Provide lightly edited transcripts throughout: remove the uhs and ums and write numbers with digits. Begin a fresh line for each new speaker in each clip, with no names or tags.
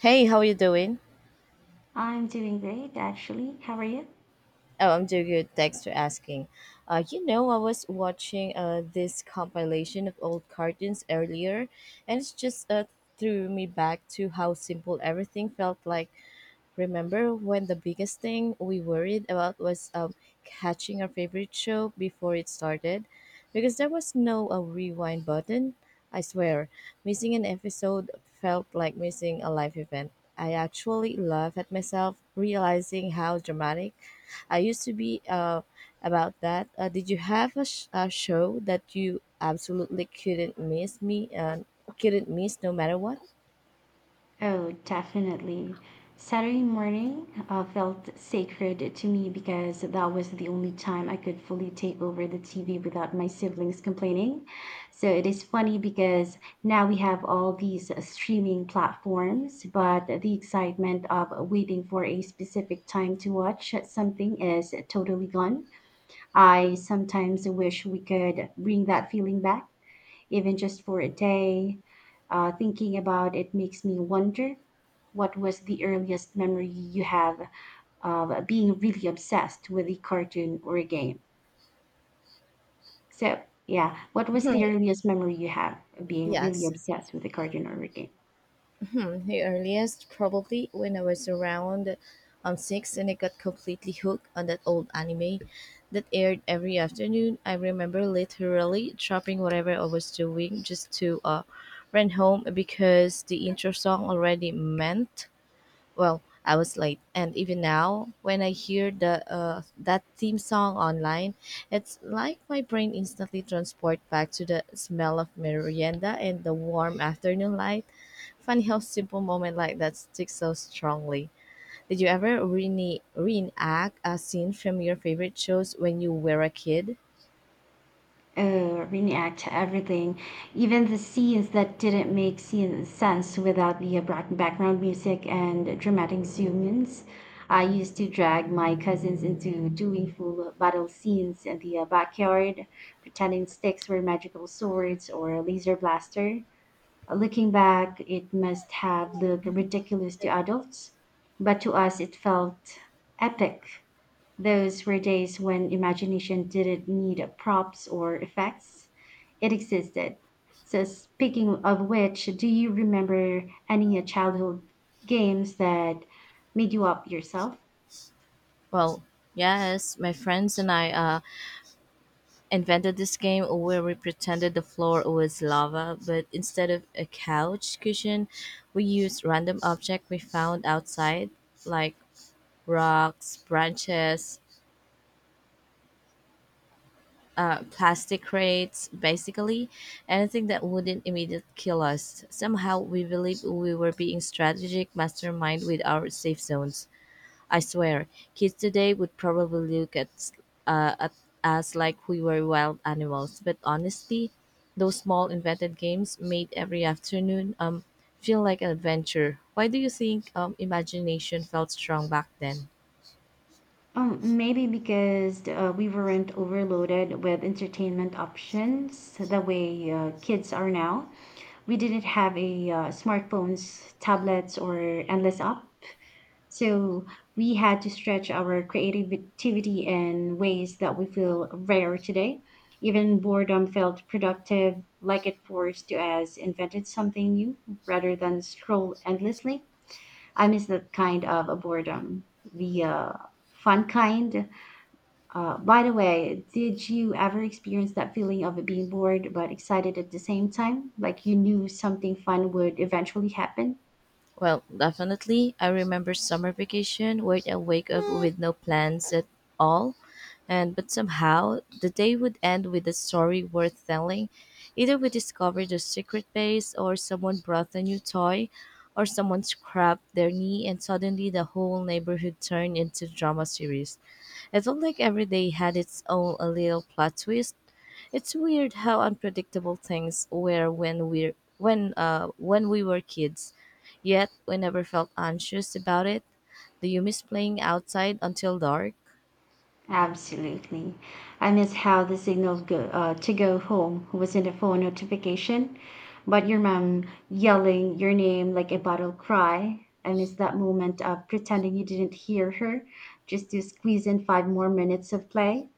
Hey, how you doing?
I'm doing great, actually. How are you?
Oh, I'm doing good. Thanks for asking. You know, I was watching this compilation of old cartoons earlier, and it's just threw me back to how simple everything felt like. Remember when the biggest thing we worried about was catching our favorite show before it started? Because there was no a rewind button. I swear, missing an episode felt like missing a live event. I actually laugh at myself realizing how dramatic I used to be about that. Did you a show that you absolutely couldn't miss no matter what?
Oh, definitely. Saturday morning felt sacred to me because that was the only time I could fully take over the TV without my siblings complaining. So it is funny because now we have all these streaming platforms, but the excitement of waiting for a specific time to watch something is totally gone. I sometimes wish we could bring that feeling back, even just for a day. Thinking about it makes me wonder, what was the earliest memory you have of being really obsessed with a cartoon or a game? So, yeah, what was the earliest memory you have of being really
Yes.
obsessed with a cartoon or a game?
Hmm, the earliest, probably when I was around six, and I got completely hooked on that old anime that aired every afternoon. I remember literally dropping whatever I was doing just to run home because the intro song already meant, well, I was late, and even now, when I hear the that theme song online, it's like my brain instantly transport back to the smell of merienda and the warm afternoon light. Funny how simple moment like that sticks so strongly. Did you ever reenact a scene from your favorite shows when you were a kid?
React to everything, even the scenes that didn't make scene sense without the background music and dramatic zoom-ins. I used to drag my cousins into doing full battle scenes in the backyard, pretending sticks were magical swords or a laser blaster. Looking back, it must have looked ridiculous to adults, but to us it felt epic. Those were days when imagination didn't need props or effects. It existed. So, speaking of which, do you remember any childhood games that made you up yourself?
Well, yes, my friends and I invented this game where we pretended the floor was lava, but instead of a couch cushion, we used random objects we found outside, like rocks, branches, plastic crates, basically anything that wouldn't immediately kill us. Somehow, we believed we were being strategic mastermind with our safe zones. I swear, kids today would probably look at us like we were wild animals. But honestly, those small invented games made every afternoon feel like an adventure. Why do you think imagination felt strong back then?
Maybe because we weren't overloaded with entertainment options the way kids are now. We didn't have a smartphones, tablets, or endless apps. So we had to stretch our creativity in ways that we feel rare today. Even boredom felt productive, like it forced us invented something new rather than scroll endlessly. I miss that kind of a boredom, the fun kind. By the way, did you ever experience that feeling of being bored but excited at the same time? Like you knew something fun would eventually happen?
Well, definitely. I remember summer vacation where I wake up with no plans at all, and but somehow the day would end with a story worth telling. Either we discovered a secret base, or someone brought a new toy, or someone scrapped their knee, and suddenly the whole neighborhood turned into drama series. It felt like every day had its own a little plot twist. It's weird how unpredictable things were when we were kids. Yet we never felt anxious about it. Do you miss playing outside until dark?
Absolutely. I miss how the signal go, to go home was in the phone notification, but your mom yelling your name like a battle cry. I miss that moment of pretending you didn't hear her just to squeeze in 5 more minutes of play,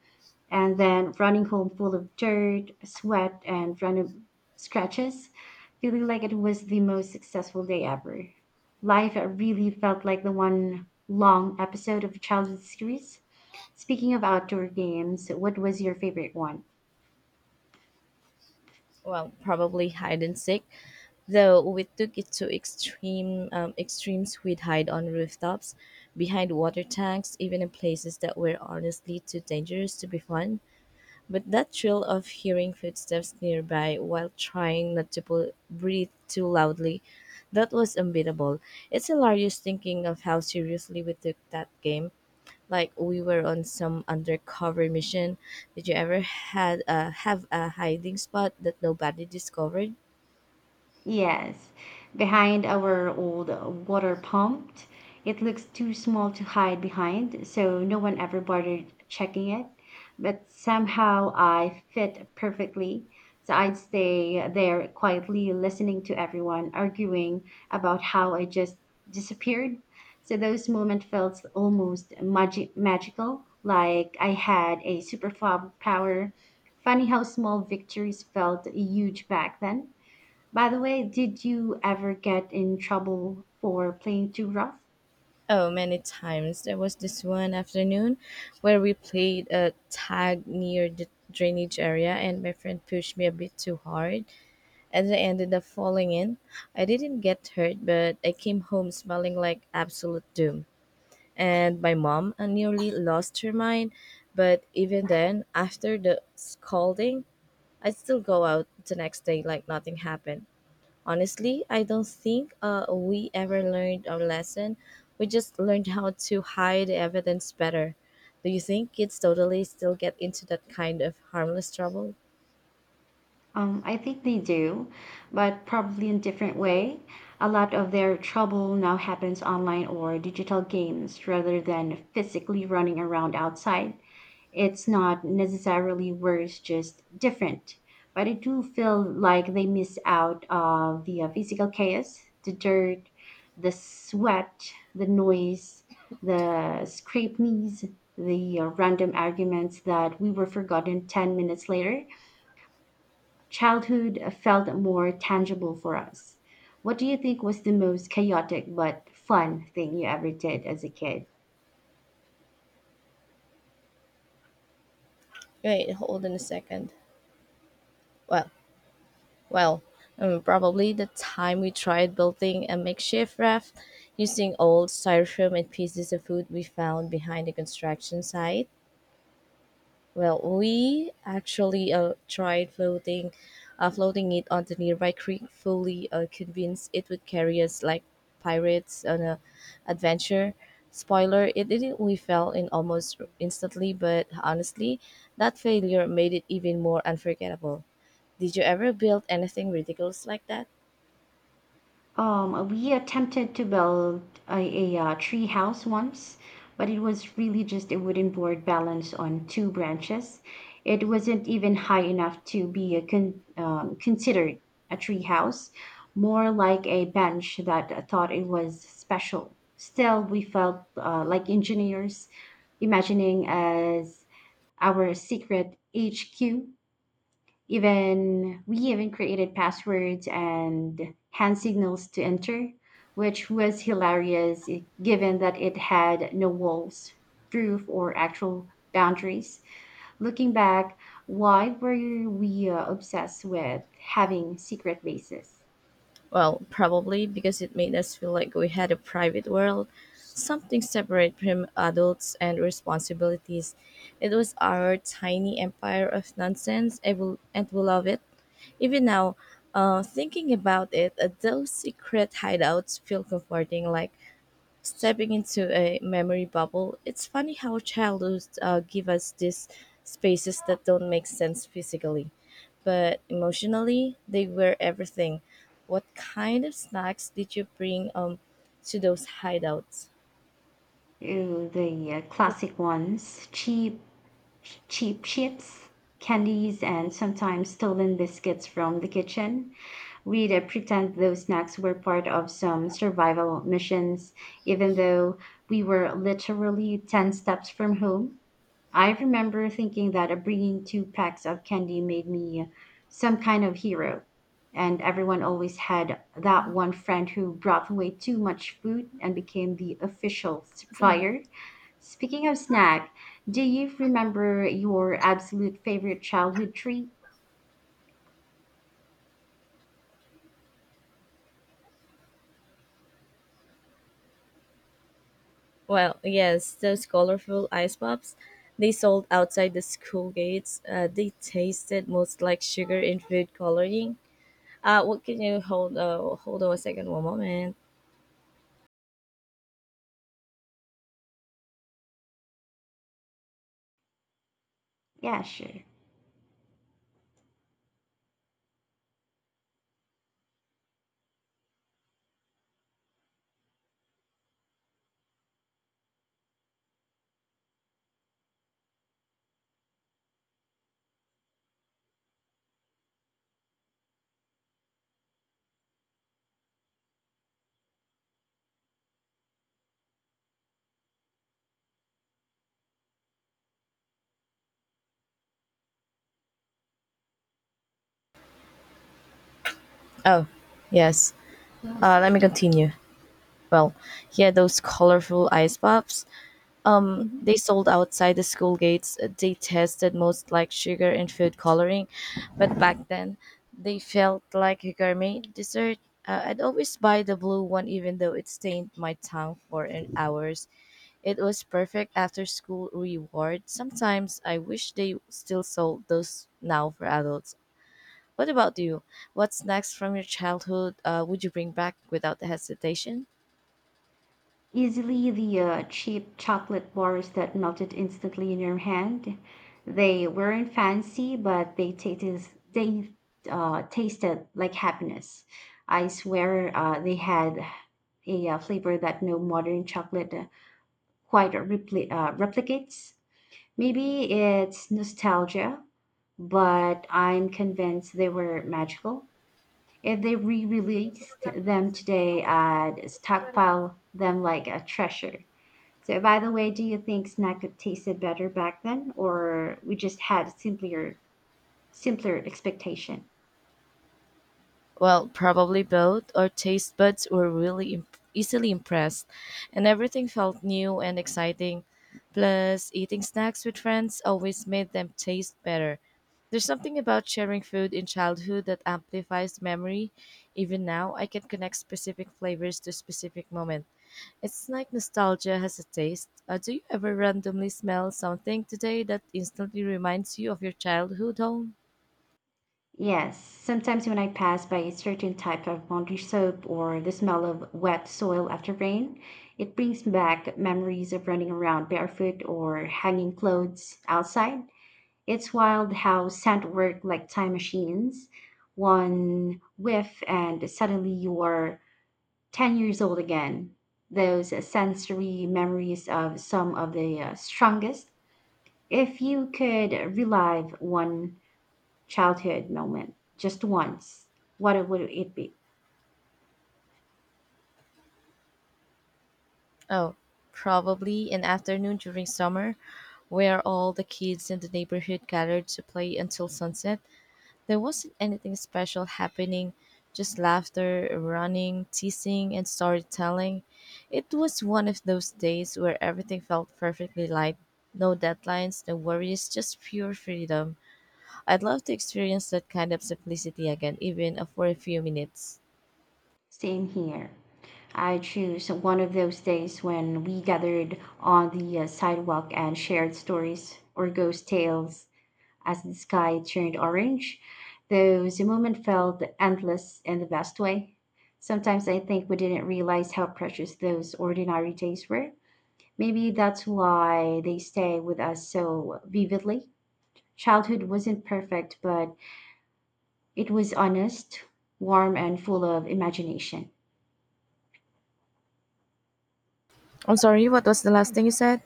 and then running home full of dirt, sweat, and random scratches, feeling like it was the most successful day ever. Life really felt like the one long episode of a childhood series. Speaking of outdoor games, what was your favorite one?
Well, probably hide and seek, though we took it to extremes. We'd hide on rooftops, behind water tanks, even in places that were honestly too dangerous to be fun. But that thrill of hearing footsteps nearby while trying not to breathe too loudly, that was unbeatable. It's hilarious thinking of how seriously we took that game, like we were on some undercover mission. Did you ever had have a hiding spot that nobody discovered?
Yes, behind our old water pump. It looks too small to hide behind, so no one ever bothered checking it. But somehow I fit perfectly. So I'd stay there quietly listening to everyone arguing about how I just disappeared. So those moments felt almost magical, like I had a super power. Funny how small victories felt huge back then. By the way, did you ever get in trouble for playing too rough?
Oh, many times. There was this one afternoon where we played a tag near the drainage area, and my friend pushed me a bit too hard, and I ended up falling in. I didn't get hurt, but I came home smelling like absolute doom. And my mom nearly lost her mind. But even then, after the scolding, I still go out the next day like nothing happened. Honestly, I don't think we ever learned our lesson. We just learned how to hide evidence better. Do you think kids totally still get into that kind of harmless trouble?
I think they do, but probably in different way. A lot of their trouble now happens online or digital games rather than physically running around outside. It's not necessarily worse, just different. But I do feel like they miss out of the physical chaos, the dirt, the sweat, the noise, the scraped knees, the random arguments that we were forgotten 10 minutes later. Childhood felt more tangible for us. What do you think was the most chaotic but fun thing you ever did as a kid?
Wait, hold on a second. Well, well, probably the time we tried building a makeshift raft using old styrofoam and pieces of food we found behind the construction site. Well, we actually floating it on the nearby creek, fully convinced it would carry us like pirates on a adventure. Spoiler: it didn't. We fell in almost instantly, but honestly, that failure made it even more unforgettable. Did you ever build anything ridiculous like that?
We attempted to build a tree house once, but it was really just a wooden board balanced on two branches. It wasn't even high enough to be a considered a tree house, more like a bench that thought it was special. Still, we felt like engineers imagining as our secret HQ. Even we even created passwords and hand signals to enter, which was hilarious given that it had no walls, roof, or actual boundaries. Looking back, why were we obsessed with having secret bases?
Well, probably because it made us feel like we had a private world, something separate from adults and responsibilities. It was our tiny empire of nonsense, I will, and we love it. Even now, thinking about it, those secret hideouts feel comforting, like stepping into a memory bubble. It's funny how childhood give us these spaces that don't make sense physically, but emotionally they were everything. What kind of snacks did you bring to those hideouts?
Ooh, the classic ones: cheap, cheap chips, candies, and sometimes stolen biscuits from the kitchen. We'd pretend those snacks were part of some survival missions, even though we were literally 10 steps from home. I remember thinking that bringing two packs of candy made me some kind of hero. And everyone always had that one friend who brought way too much food and became the official
Asan na ba?
supplier. Speaking of snack, do you remember your absolute favorite childhood treat?
Well, yes, those colorful ice pops. They sold outside the school gates. They tasted most like sugar in food coloring. What can you hold? Hold on a second, one moment.
Yeah, sure.
Oh, yes. Let me continue. Well, he had those colorful ice pops.
Mm-hmm.
They sold outside the school gates. They tasted most like sugar and food coloring, but back then they felt like a gourmet dessert. I'd always buy the blue one, even though it stained my tongue for an hours. It was perfect after school reward. Sometimes I wish they still sold those now for adults. What about you? What's next from your childhood would you bring back without hesitation?
Easily the cheap chocolate bars that melted instantly in your hand. They weren't fancy, but they tasted like happiness. I swear they had a flavor that no modern chocolate quite replicates. Maybe it's nostalgia, but I'm convinced they were magical. If they re-released them today, I'd stockpile them like a treasure. So, by the way, do you think snack could tasted better back then, or we just had simpler expectation?
Well, probably both. Our taste buds were easily impressed, and everything felt new and exciting. Plus, eating snacks with friends always made them taste better. There's something about sharing food in childhood that amplifies memory. Even now, I can connect specific flavors to specific moment. It's like nostalgia has a taste. Do you ever randomly smell something today that instantly reminds you of your childhood home?
Yes. Sometimes when I pass by a certain type of laundry soap or the smell of wet soil after rain, it brings back memories of running around barefoot or hanging clothes outside. It's wild how scent work like time machines. One whiff and suddenly you are 10 years old again. Those sensory memories of some of the strongest. If you could relive one childhood moment just once, what would it be?
Oh, probably an afternoon during summer where all the kids in the neighborhood gathered to play until sunset. There wasn't anything special happening, just laughter, running, teasing, and storytelling. It was one of those days where everything felt perfectly light. No deadlines, no worries, just pure freedom. I'd love to experience that kind of simplicity again, even for a few minutes.
Same here. I choose one of those days when we gathered on the sidewalk and shared stories or ghost tales, as the sky turned orange, though the moment felt endless in the best way. Sometimes I think we didn't realize how precious those ordinary days were. Maybe that's why they stay with us so vividly. Childhood wasn't perfect, but it was honest, warm, and full of imagination.
I'm sorry, what was the last thing you said?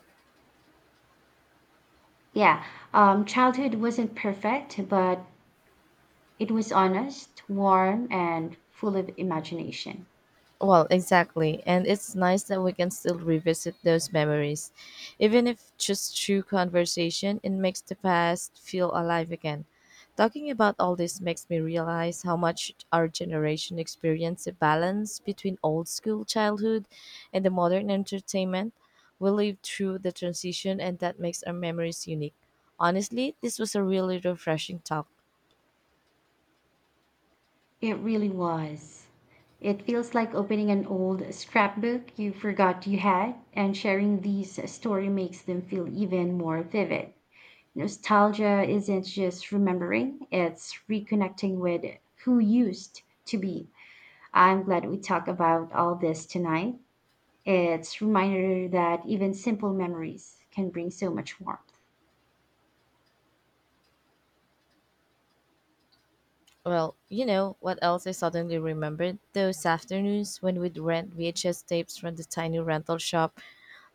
Yeah, childhood wasn't perfect, but it was honest, warm, and full of imagination.
Well, exactly. And it's nice that we can still revisit those memories. Even if just through conversation, it makes the past feel alive again. Talking about all this makes me realize how much our generation experienced a balance between old school childhood and the modern entertainment. We lived through the transition, and that makes our memories unique. Honestly, this was a really refreshing talk.
It really was. It feels like opening an old scrapbook you forgot you had, and sharing these story makes them feel even more vivid. Nostalgia isn't just remembering, it's reconnecting with who used to be. I'm glad we talked about all this tonight. It's reminder that even simple memories can bring so much warmth.
Well, you know what else I suddenly remembered? Those afternoons when we'd rent VHS tapes from the tiny rental shop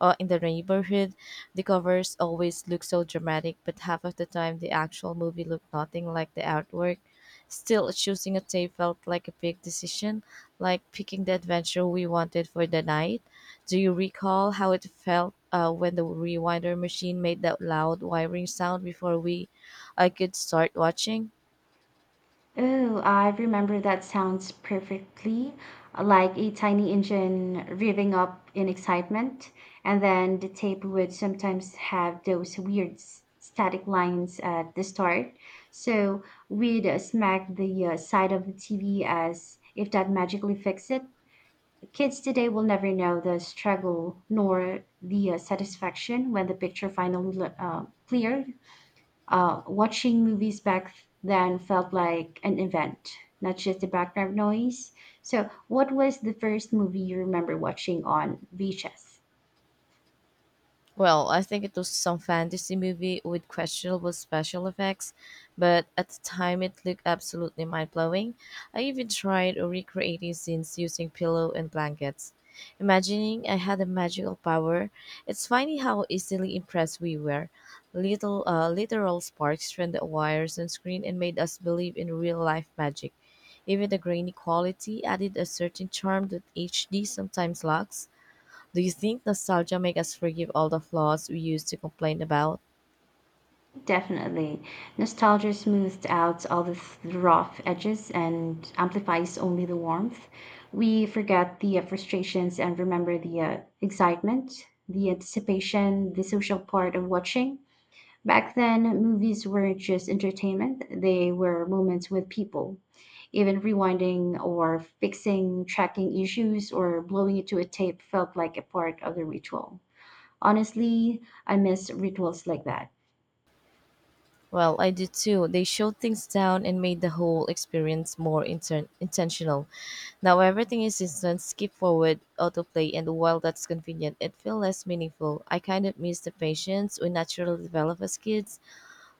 in the neighborhood. The covers always look so dramatic, but half of the time the actual movie looked nothing like the artwork. Still, choosing a tape felt like a big decision, like picking the adventure we wanted for the night. Do you recall how it felt when the rewinder machine made that loud wiring sound before we I could start watching?
Oh, I remember that sounds perfectly, like a tiny engine revving up in excitement. And then the tape would sometimes have those weird static lines at the start. So we'd smack the side of the TV as if that magically fixed it. Kids today will never know the struggle nor the satisfaction when the picture finally cleared. Watching movies back then felt like an event, not just the background noise. So, what was the first movie you remember watching on VHS?
Well, I think it was some fantasy movie with questionable special effects, but at the time it looked absolutely mind blowing. I even tried recreating scenes using pillow and blankets, imagining I had a magical power. It's funny how easily impressed we were. Little Literal sparks from the wires on screen and made us believe in real life magic. Even the grainy quality added a certain charm that HD sometimes lacks. Do you think nostalgia make us forgive all the flaws we used to complain about?
Definitely. Nostalgia smooths out all the rough edges and amplifies only the warmth. We forget the frustrations and remember the excitement, the anticipation, the social part of watching. Back then, movies weren't just entertainment, they were moments with people. Even rewinding or fixing tracking issues or blowing it to a tape felt like a part of the ritual. Honestly, I miss rituals like that.
Well, I do too. They showed things down and made the whole experience more intentional. Now everything is instant, skip forward, autoplay, and while that's convenient, it feels less meaningful. I kind of miss the patience we naturally develop as kids.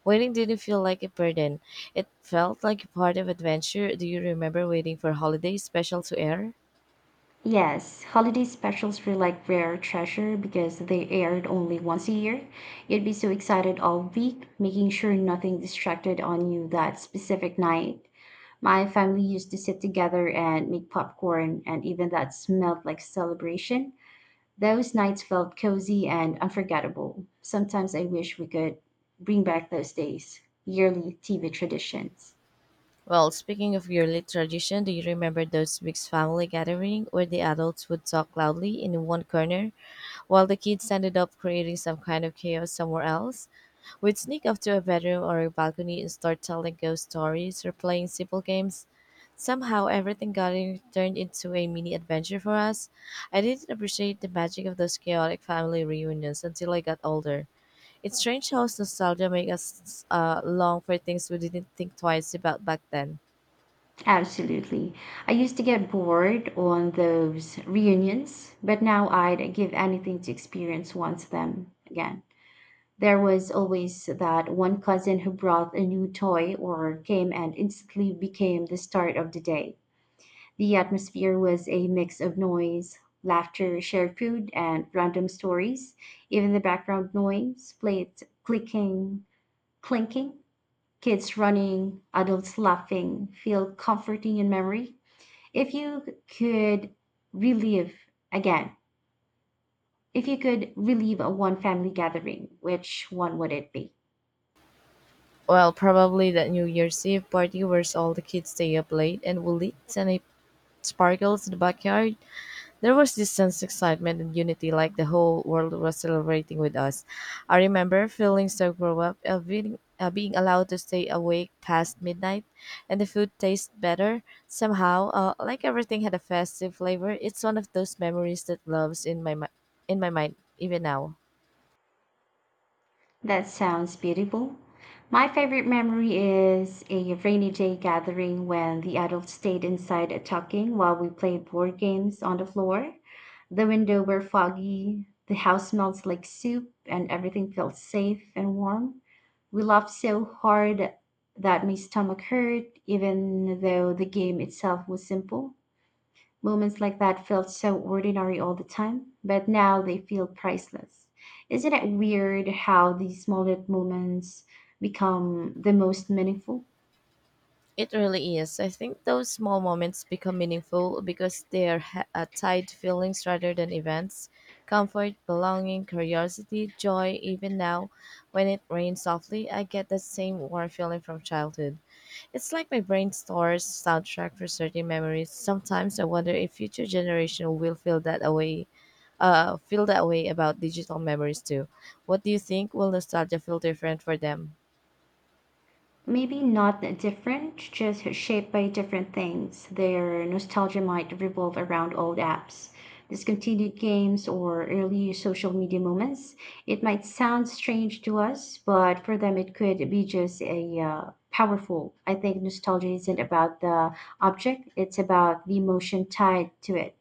Waiting didn't feel like a burden. It felt like a part of adventure. Do you remember waiting for holidays special to air?
Yes, holiday specials were like rare treasure because they aired only once a year. You'd be so excited all week, making sure nothing distracted on you that specific night. My family used to sit together and make popcorn, and even that smelled like celebration. Those nights felt cozy and unforgettable. Sometimes I wish we could bring back those days, yearly TV traditions.
Well, speaking of yearly tradition, do you remember those big family gathering where the adults would talk loudly in one corner while the kids ended up creating some kind of chaos somewhere else? We'd sneak up to a bedroom or a balcony and start telling ghost stories or playing simple games. Somehow everything got in, turned into a mini adventure for us. I didn't appreciate the magic of those chaotic family reunions until I got older. It's strange how nostalgia makes us long for things we didn't think twice about back then.
Absolutely. I used to get bored on those reunions, but now I'd give anything to experience once them again. There was always that one cousin who brought a new toy or came and instantly became the start of the day. The atmosphere was a mix of noise, laughter, shared food, and random stories. Even the background noise, plates clinking, kids running, adults laughing, feel comforting in memory. If you could relive again, if you could relive a one family gathering, which one would it be?
Well, probably that New Year's Eve party where all the kids stay up late and will eat and it sparkles in the backyard. There was this sense of excitement and unity like the whole world was celebrating with us. I remember feeling so grown up of being allowed to stay awake past midnight and the food tastes better somehow. Like everything had a festive flavor. It's one of those memories that loves in my mind even now.
That sounds beautiful. My favorite memory is a rainy day gathering when the adults stayed inside talking while we played board games on the floor. The window were foggy, the house smells like soup, and everything felt safe and warm. We laughed so hard that my stomach hurt, even though the game itself was simple. Moments like that felt so ordinary all the time, but now they feel priceless. Isn't it weird how these smallest moments become the most meaningful?
It really is. I think those small moments become meaningful because they are tied to feelings rather than events. Comfort, belonging, curiosity, joy, even now, when it rains softly, I get that same warm feeling from childhood. It's like my brain stores soundtrack for certain memories. Sometimes I wonder if future generation will feel that away, feel that way about digital memories too. What do you think? Will nostalgia feel different for them?
Maybe not that different, just shaped by different things. Their nostalgia might revolve around old apps, discontinued games, or early social media moments. It might sound strange to us, but for them, it could be just a powerful. I think nostalgia isn't about the object, it's about the emotion tied to it.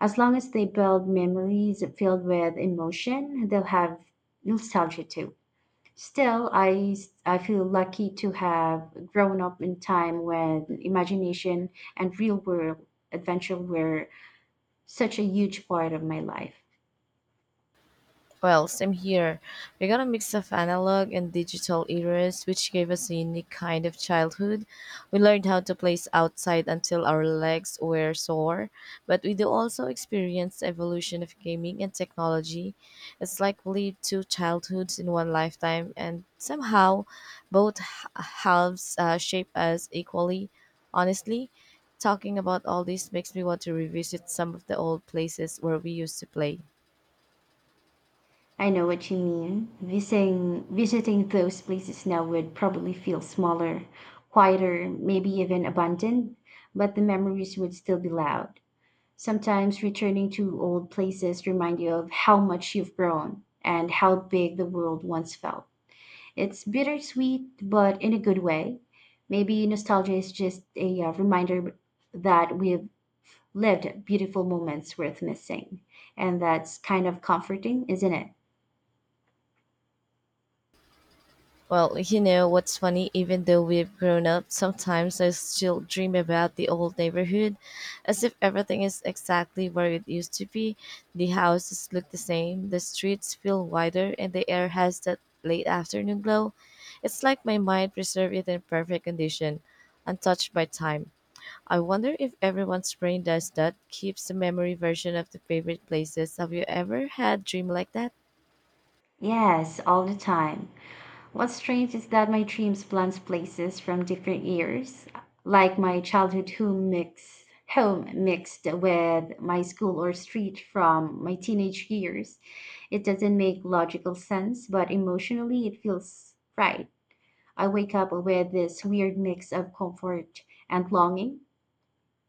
As long as they build memories filled with emotion, they'll have nostalgia too. Still, I feel lucky to have grown up in time when imagination and real world adventure were such a huge part of my life.
Well, same here. We got a mix of analog and digital eras, which gave us a unique kind of childhood. We learned how to play outside until our legs were sore, but we do also experience the evolution of gaming and technology. It's like we lived two childhoods in one lifetime, and somehow both halves shape us equally. Honestly, talking about all this makes me want to revisit some of the old places where we used to play.
I know what you mean. Visiting those places now would probably feel smaller, quieter, maybe even abandoned, but the memories would still be loud. Sometimes returning to old places remind you of how much you've grown and how big the world once felt. It's bittersweet, but in a good way. Maybe nostalgia is just a reminder that we've lived beautiful moments worth missing. And that's kind of comforting, isn't it?
Well, you know what's funny? Even though we've grown up, sometimes I still dream about the old neighborhood, as if everything is exactly where it used to be. The houses look the same, the streets feel wider, and the air has that late afternoon glow. It's like my mind preserved it in perfect condition, untouched by time. I wonder if everyone's brain does that, keeps the memory version of the favorite places. Have you ever had dream like that?
Yes, all the time. What's strange is that my dreams blend places from different years, like my childhood home mixed with my school or street from my teenage years. It doesn't make logical sense, but emotionally it feels right. I wake up with this weird mix of comfort and longing.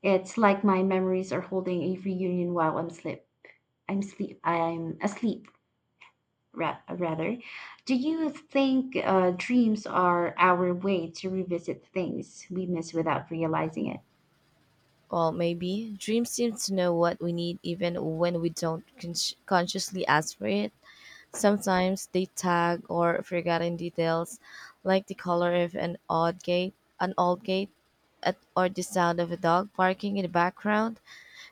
It's like my memories are holding a reunion while I'm sleep. I'm sleep. I'm asleep. Rather, do you think dreams are our way to revisit things we miss without realizing it?
Well, maybe. Dreams seem to know what we need even when we don't con- consciously ask for it. Sometimes they tag or forgotten details, like the color of an odd gate, an old gate, at, or the sound of a dog barking in the background.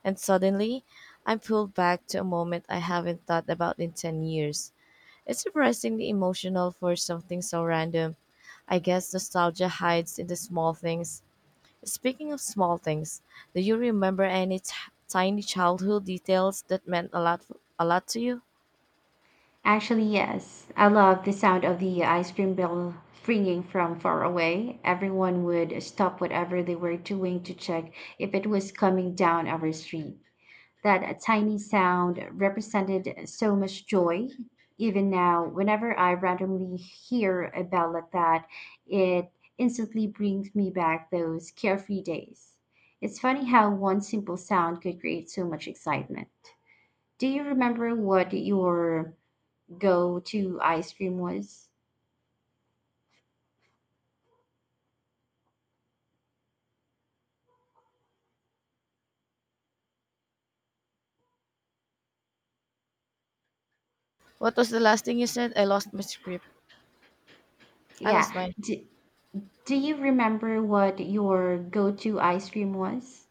And suddenly, I'm pulled back to a moment I haven't thought about in 10 years. It's surprisingly emotional for something so random. I guess nostalgia hides in the small things. Speaking of small things, do you remember any tiny childhood details that meant a lot to you?
Actually, yes. I love the sound of the ice cream bell ringing from far away. Everyone would stop whatever they were doing to check if it was coming down our street. That tiny sound represented so much joy. Even now, whenever I randomly hear a bell like that, it instantly brings me back those carefree days. It's funny how one simple sound could create so much excitement. Do you remember what your go to ice cream was?
What was the last thing you said? I lost my script. I
Yeah.
lost mine.
Do, do you remember what your go to ice cream was?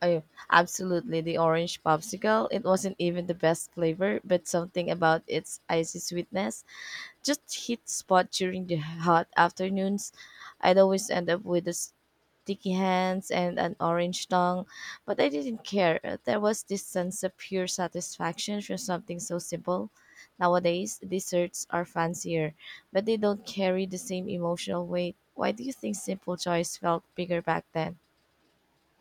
Oh, absolutely. The orange popsicle. It wasn't even the best flavor, but something about its icy sweetness just hit spot during the hot afternoons. I'd always end up with the sticky hands and an orange tongue, but I didn't care. There was this sense of pure satisfaction from something so simple. Nowadays, desserts are fancier, but they don't carry the same emotional weight. Why do you think simple joys felt bigger back then?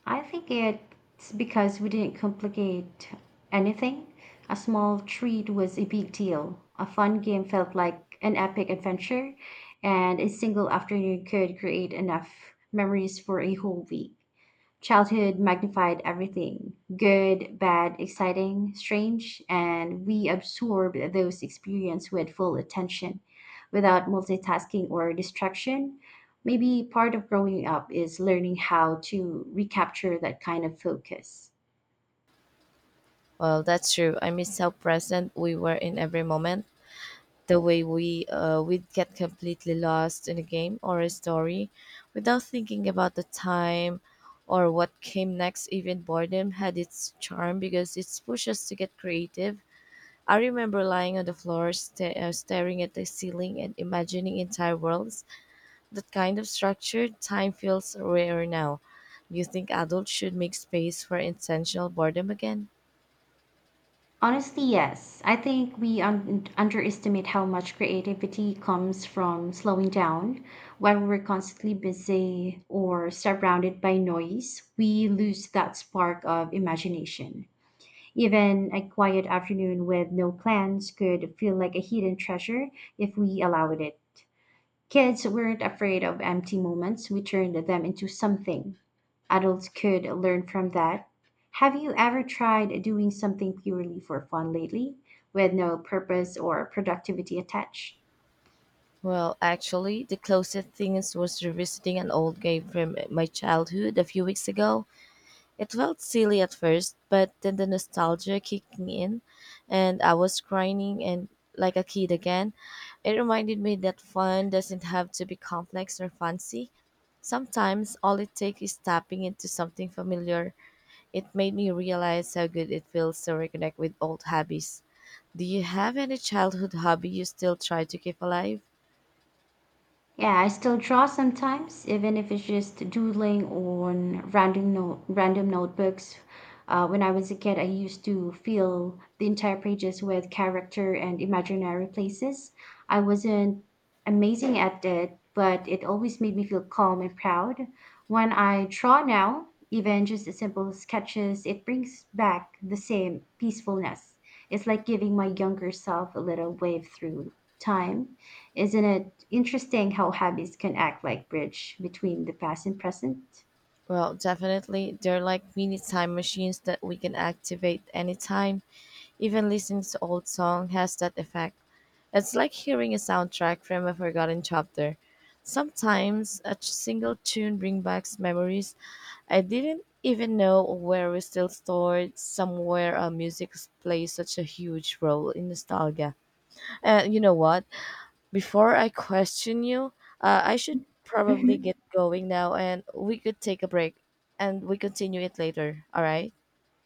I think it's because we didn't complicate anything. A small treat was a big deal. A fun game felt like an epic adventure, and a single afternoon could create enough memories for a whole week. Childhood magnified everything good, bad, exciting, strange, and we absorbed those experiences with full attention without multitasking or distraction. Maybe part of growing up is learning how to recapture that kind of focus.
Well, that's true. I miss how present we were in every moment. The way we'd get completely lost in a game or a story, without thinking about the time or what came next. Even boredom had its charm because it pushed us to get creative. I remember lying on the floor, staring at the ceiling and imagining entire worlds. That kind of structured time feels rare now. Do you think adults should make space for intentional boredom again?
Honestly, yes. I think we underestimate how much creativity comes from slowing down. When we're constantly busy or surrounded by noise, we lose that spark of imagination. Even a quiet afternoon with no plans could feel like a hidden treasure if we allowed it. Kids weren't afraid of empty moments, we turned them into something. Adults could learn from that. Have you ever tried doing something purely for fun lately, with no purpose or productivity attached?
Well, actually, the closest thing is was revisiting an old game from my childhood a few weeks ago. It felt silly at first, but then the nostalgia kicked me in, and I was crying and like a kid again. It reminded me that fun doesn't have to be complex or fancy. Sometimes all it takes is tapping into something familiar. It made me realize how good it feels to reconnect with old hobbies. Do you have any childhood hobby you still try to keep alive?
Yeah, I still draw sometimes, even if it's just doodling on random notebooks. When I was a kid, I used to fill the entire pages with character and imaginary places. I wasn't amazing at it, but it always made me feel calm and proud. When I draw now, even just the simple sketches, it brings back the same peacefulness. It's like giving my younger self a little wave through time. Isn't it interesting how habits can act like bridge between the past and present?
Well, definitely. They're like mini time machines that we can activate anytime. Even listening to old song has that effect. It's like hearing a soundtrack from a forgotten chapter. Sometimes a single tune brings back memories I didn't even know where we still stored, somewhere music plays such a huge role in nostalgia. And you know what? Before I question you, I should probably
Mhm.
get going now and we could take a break and we continue it later. All right?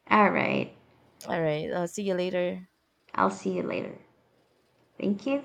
All right.
All right. See you later.
I'll see you later. Thank you.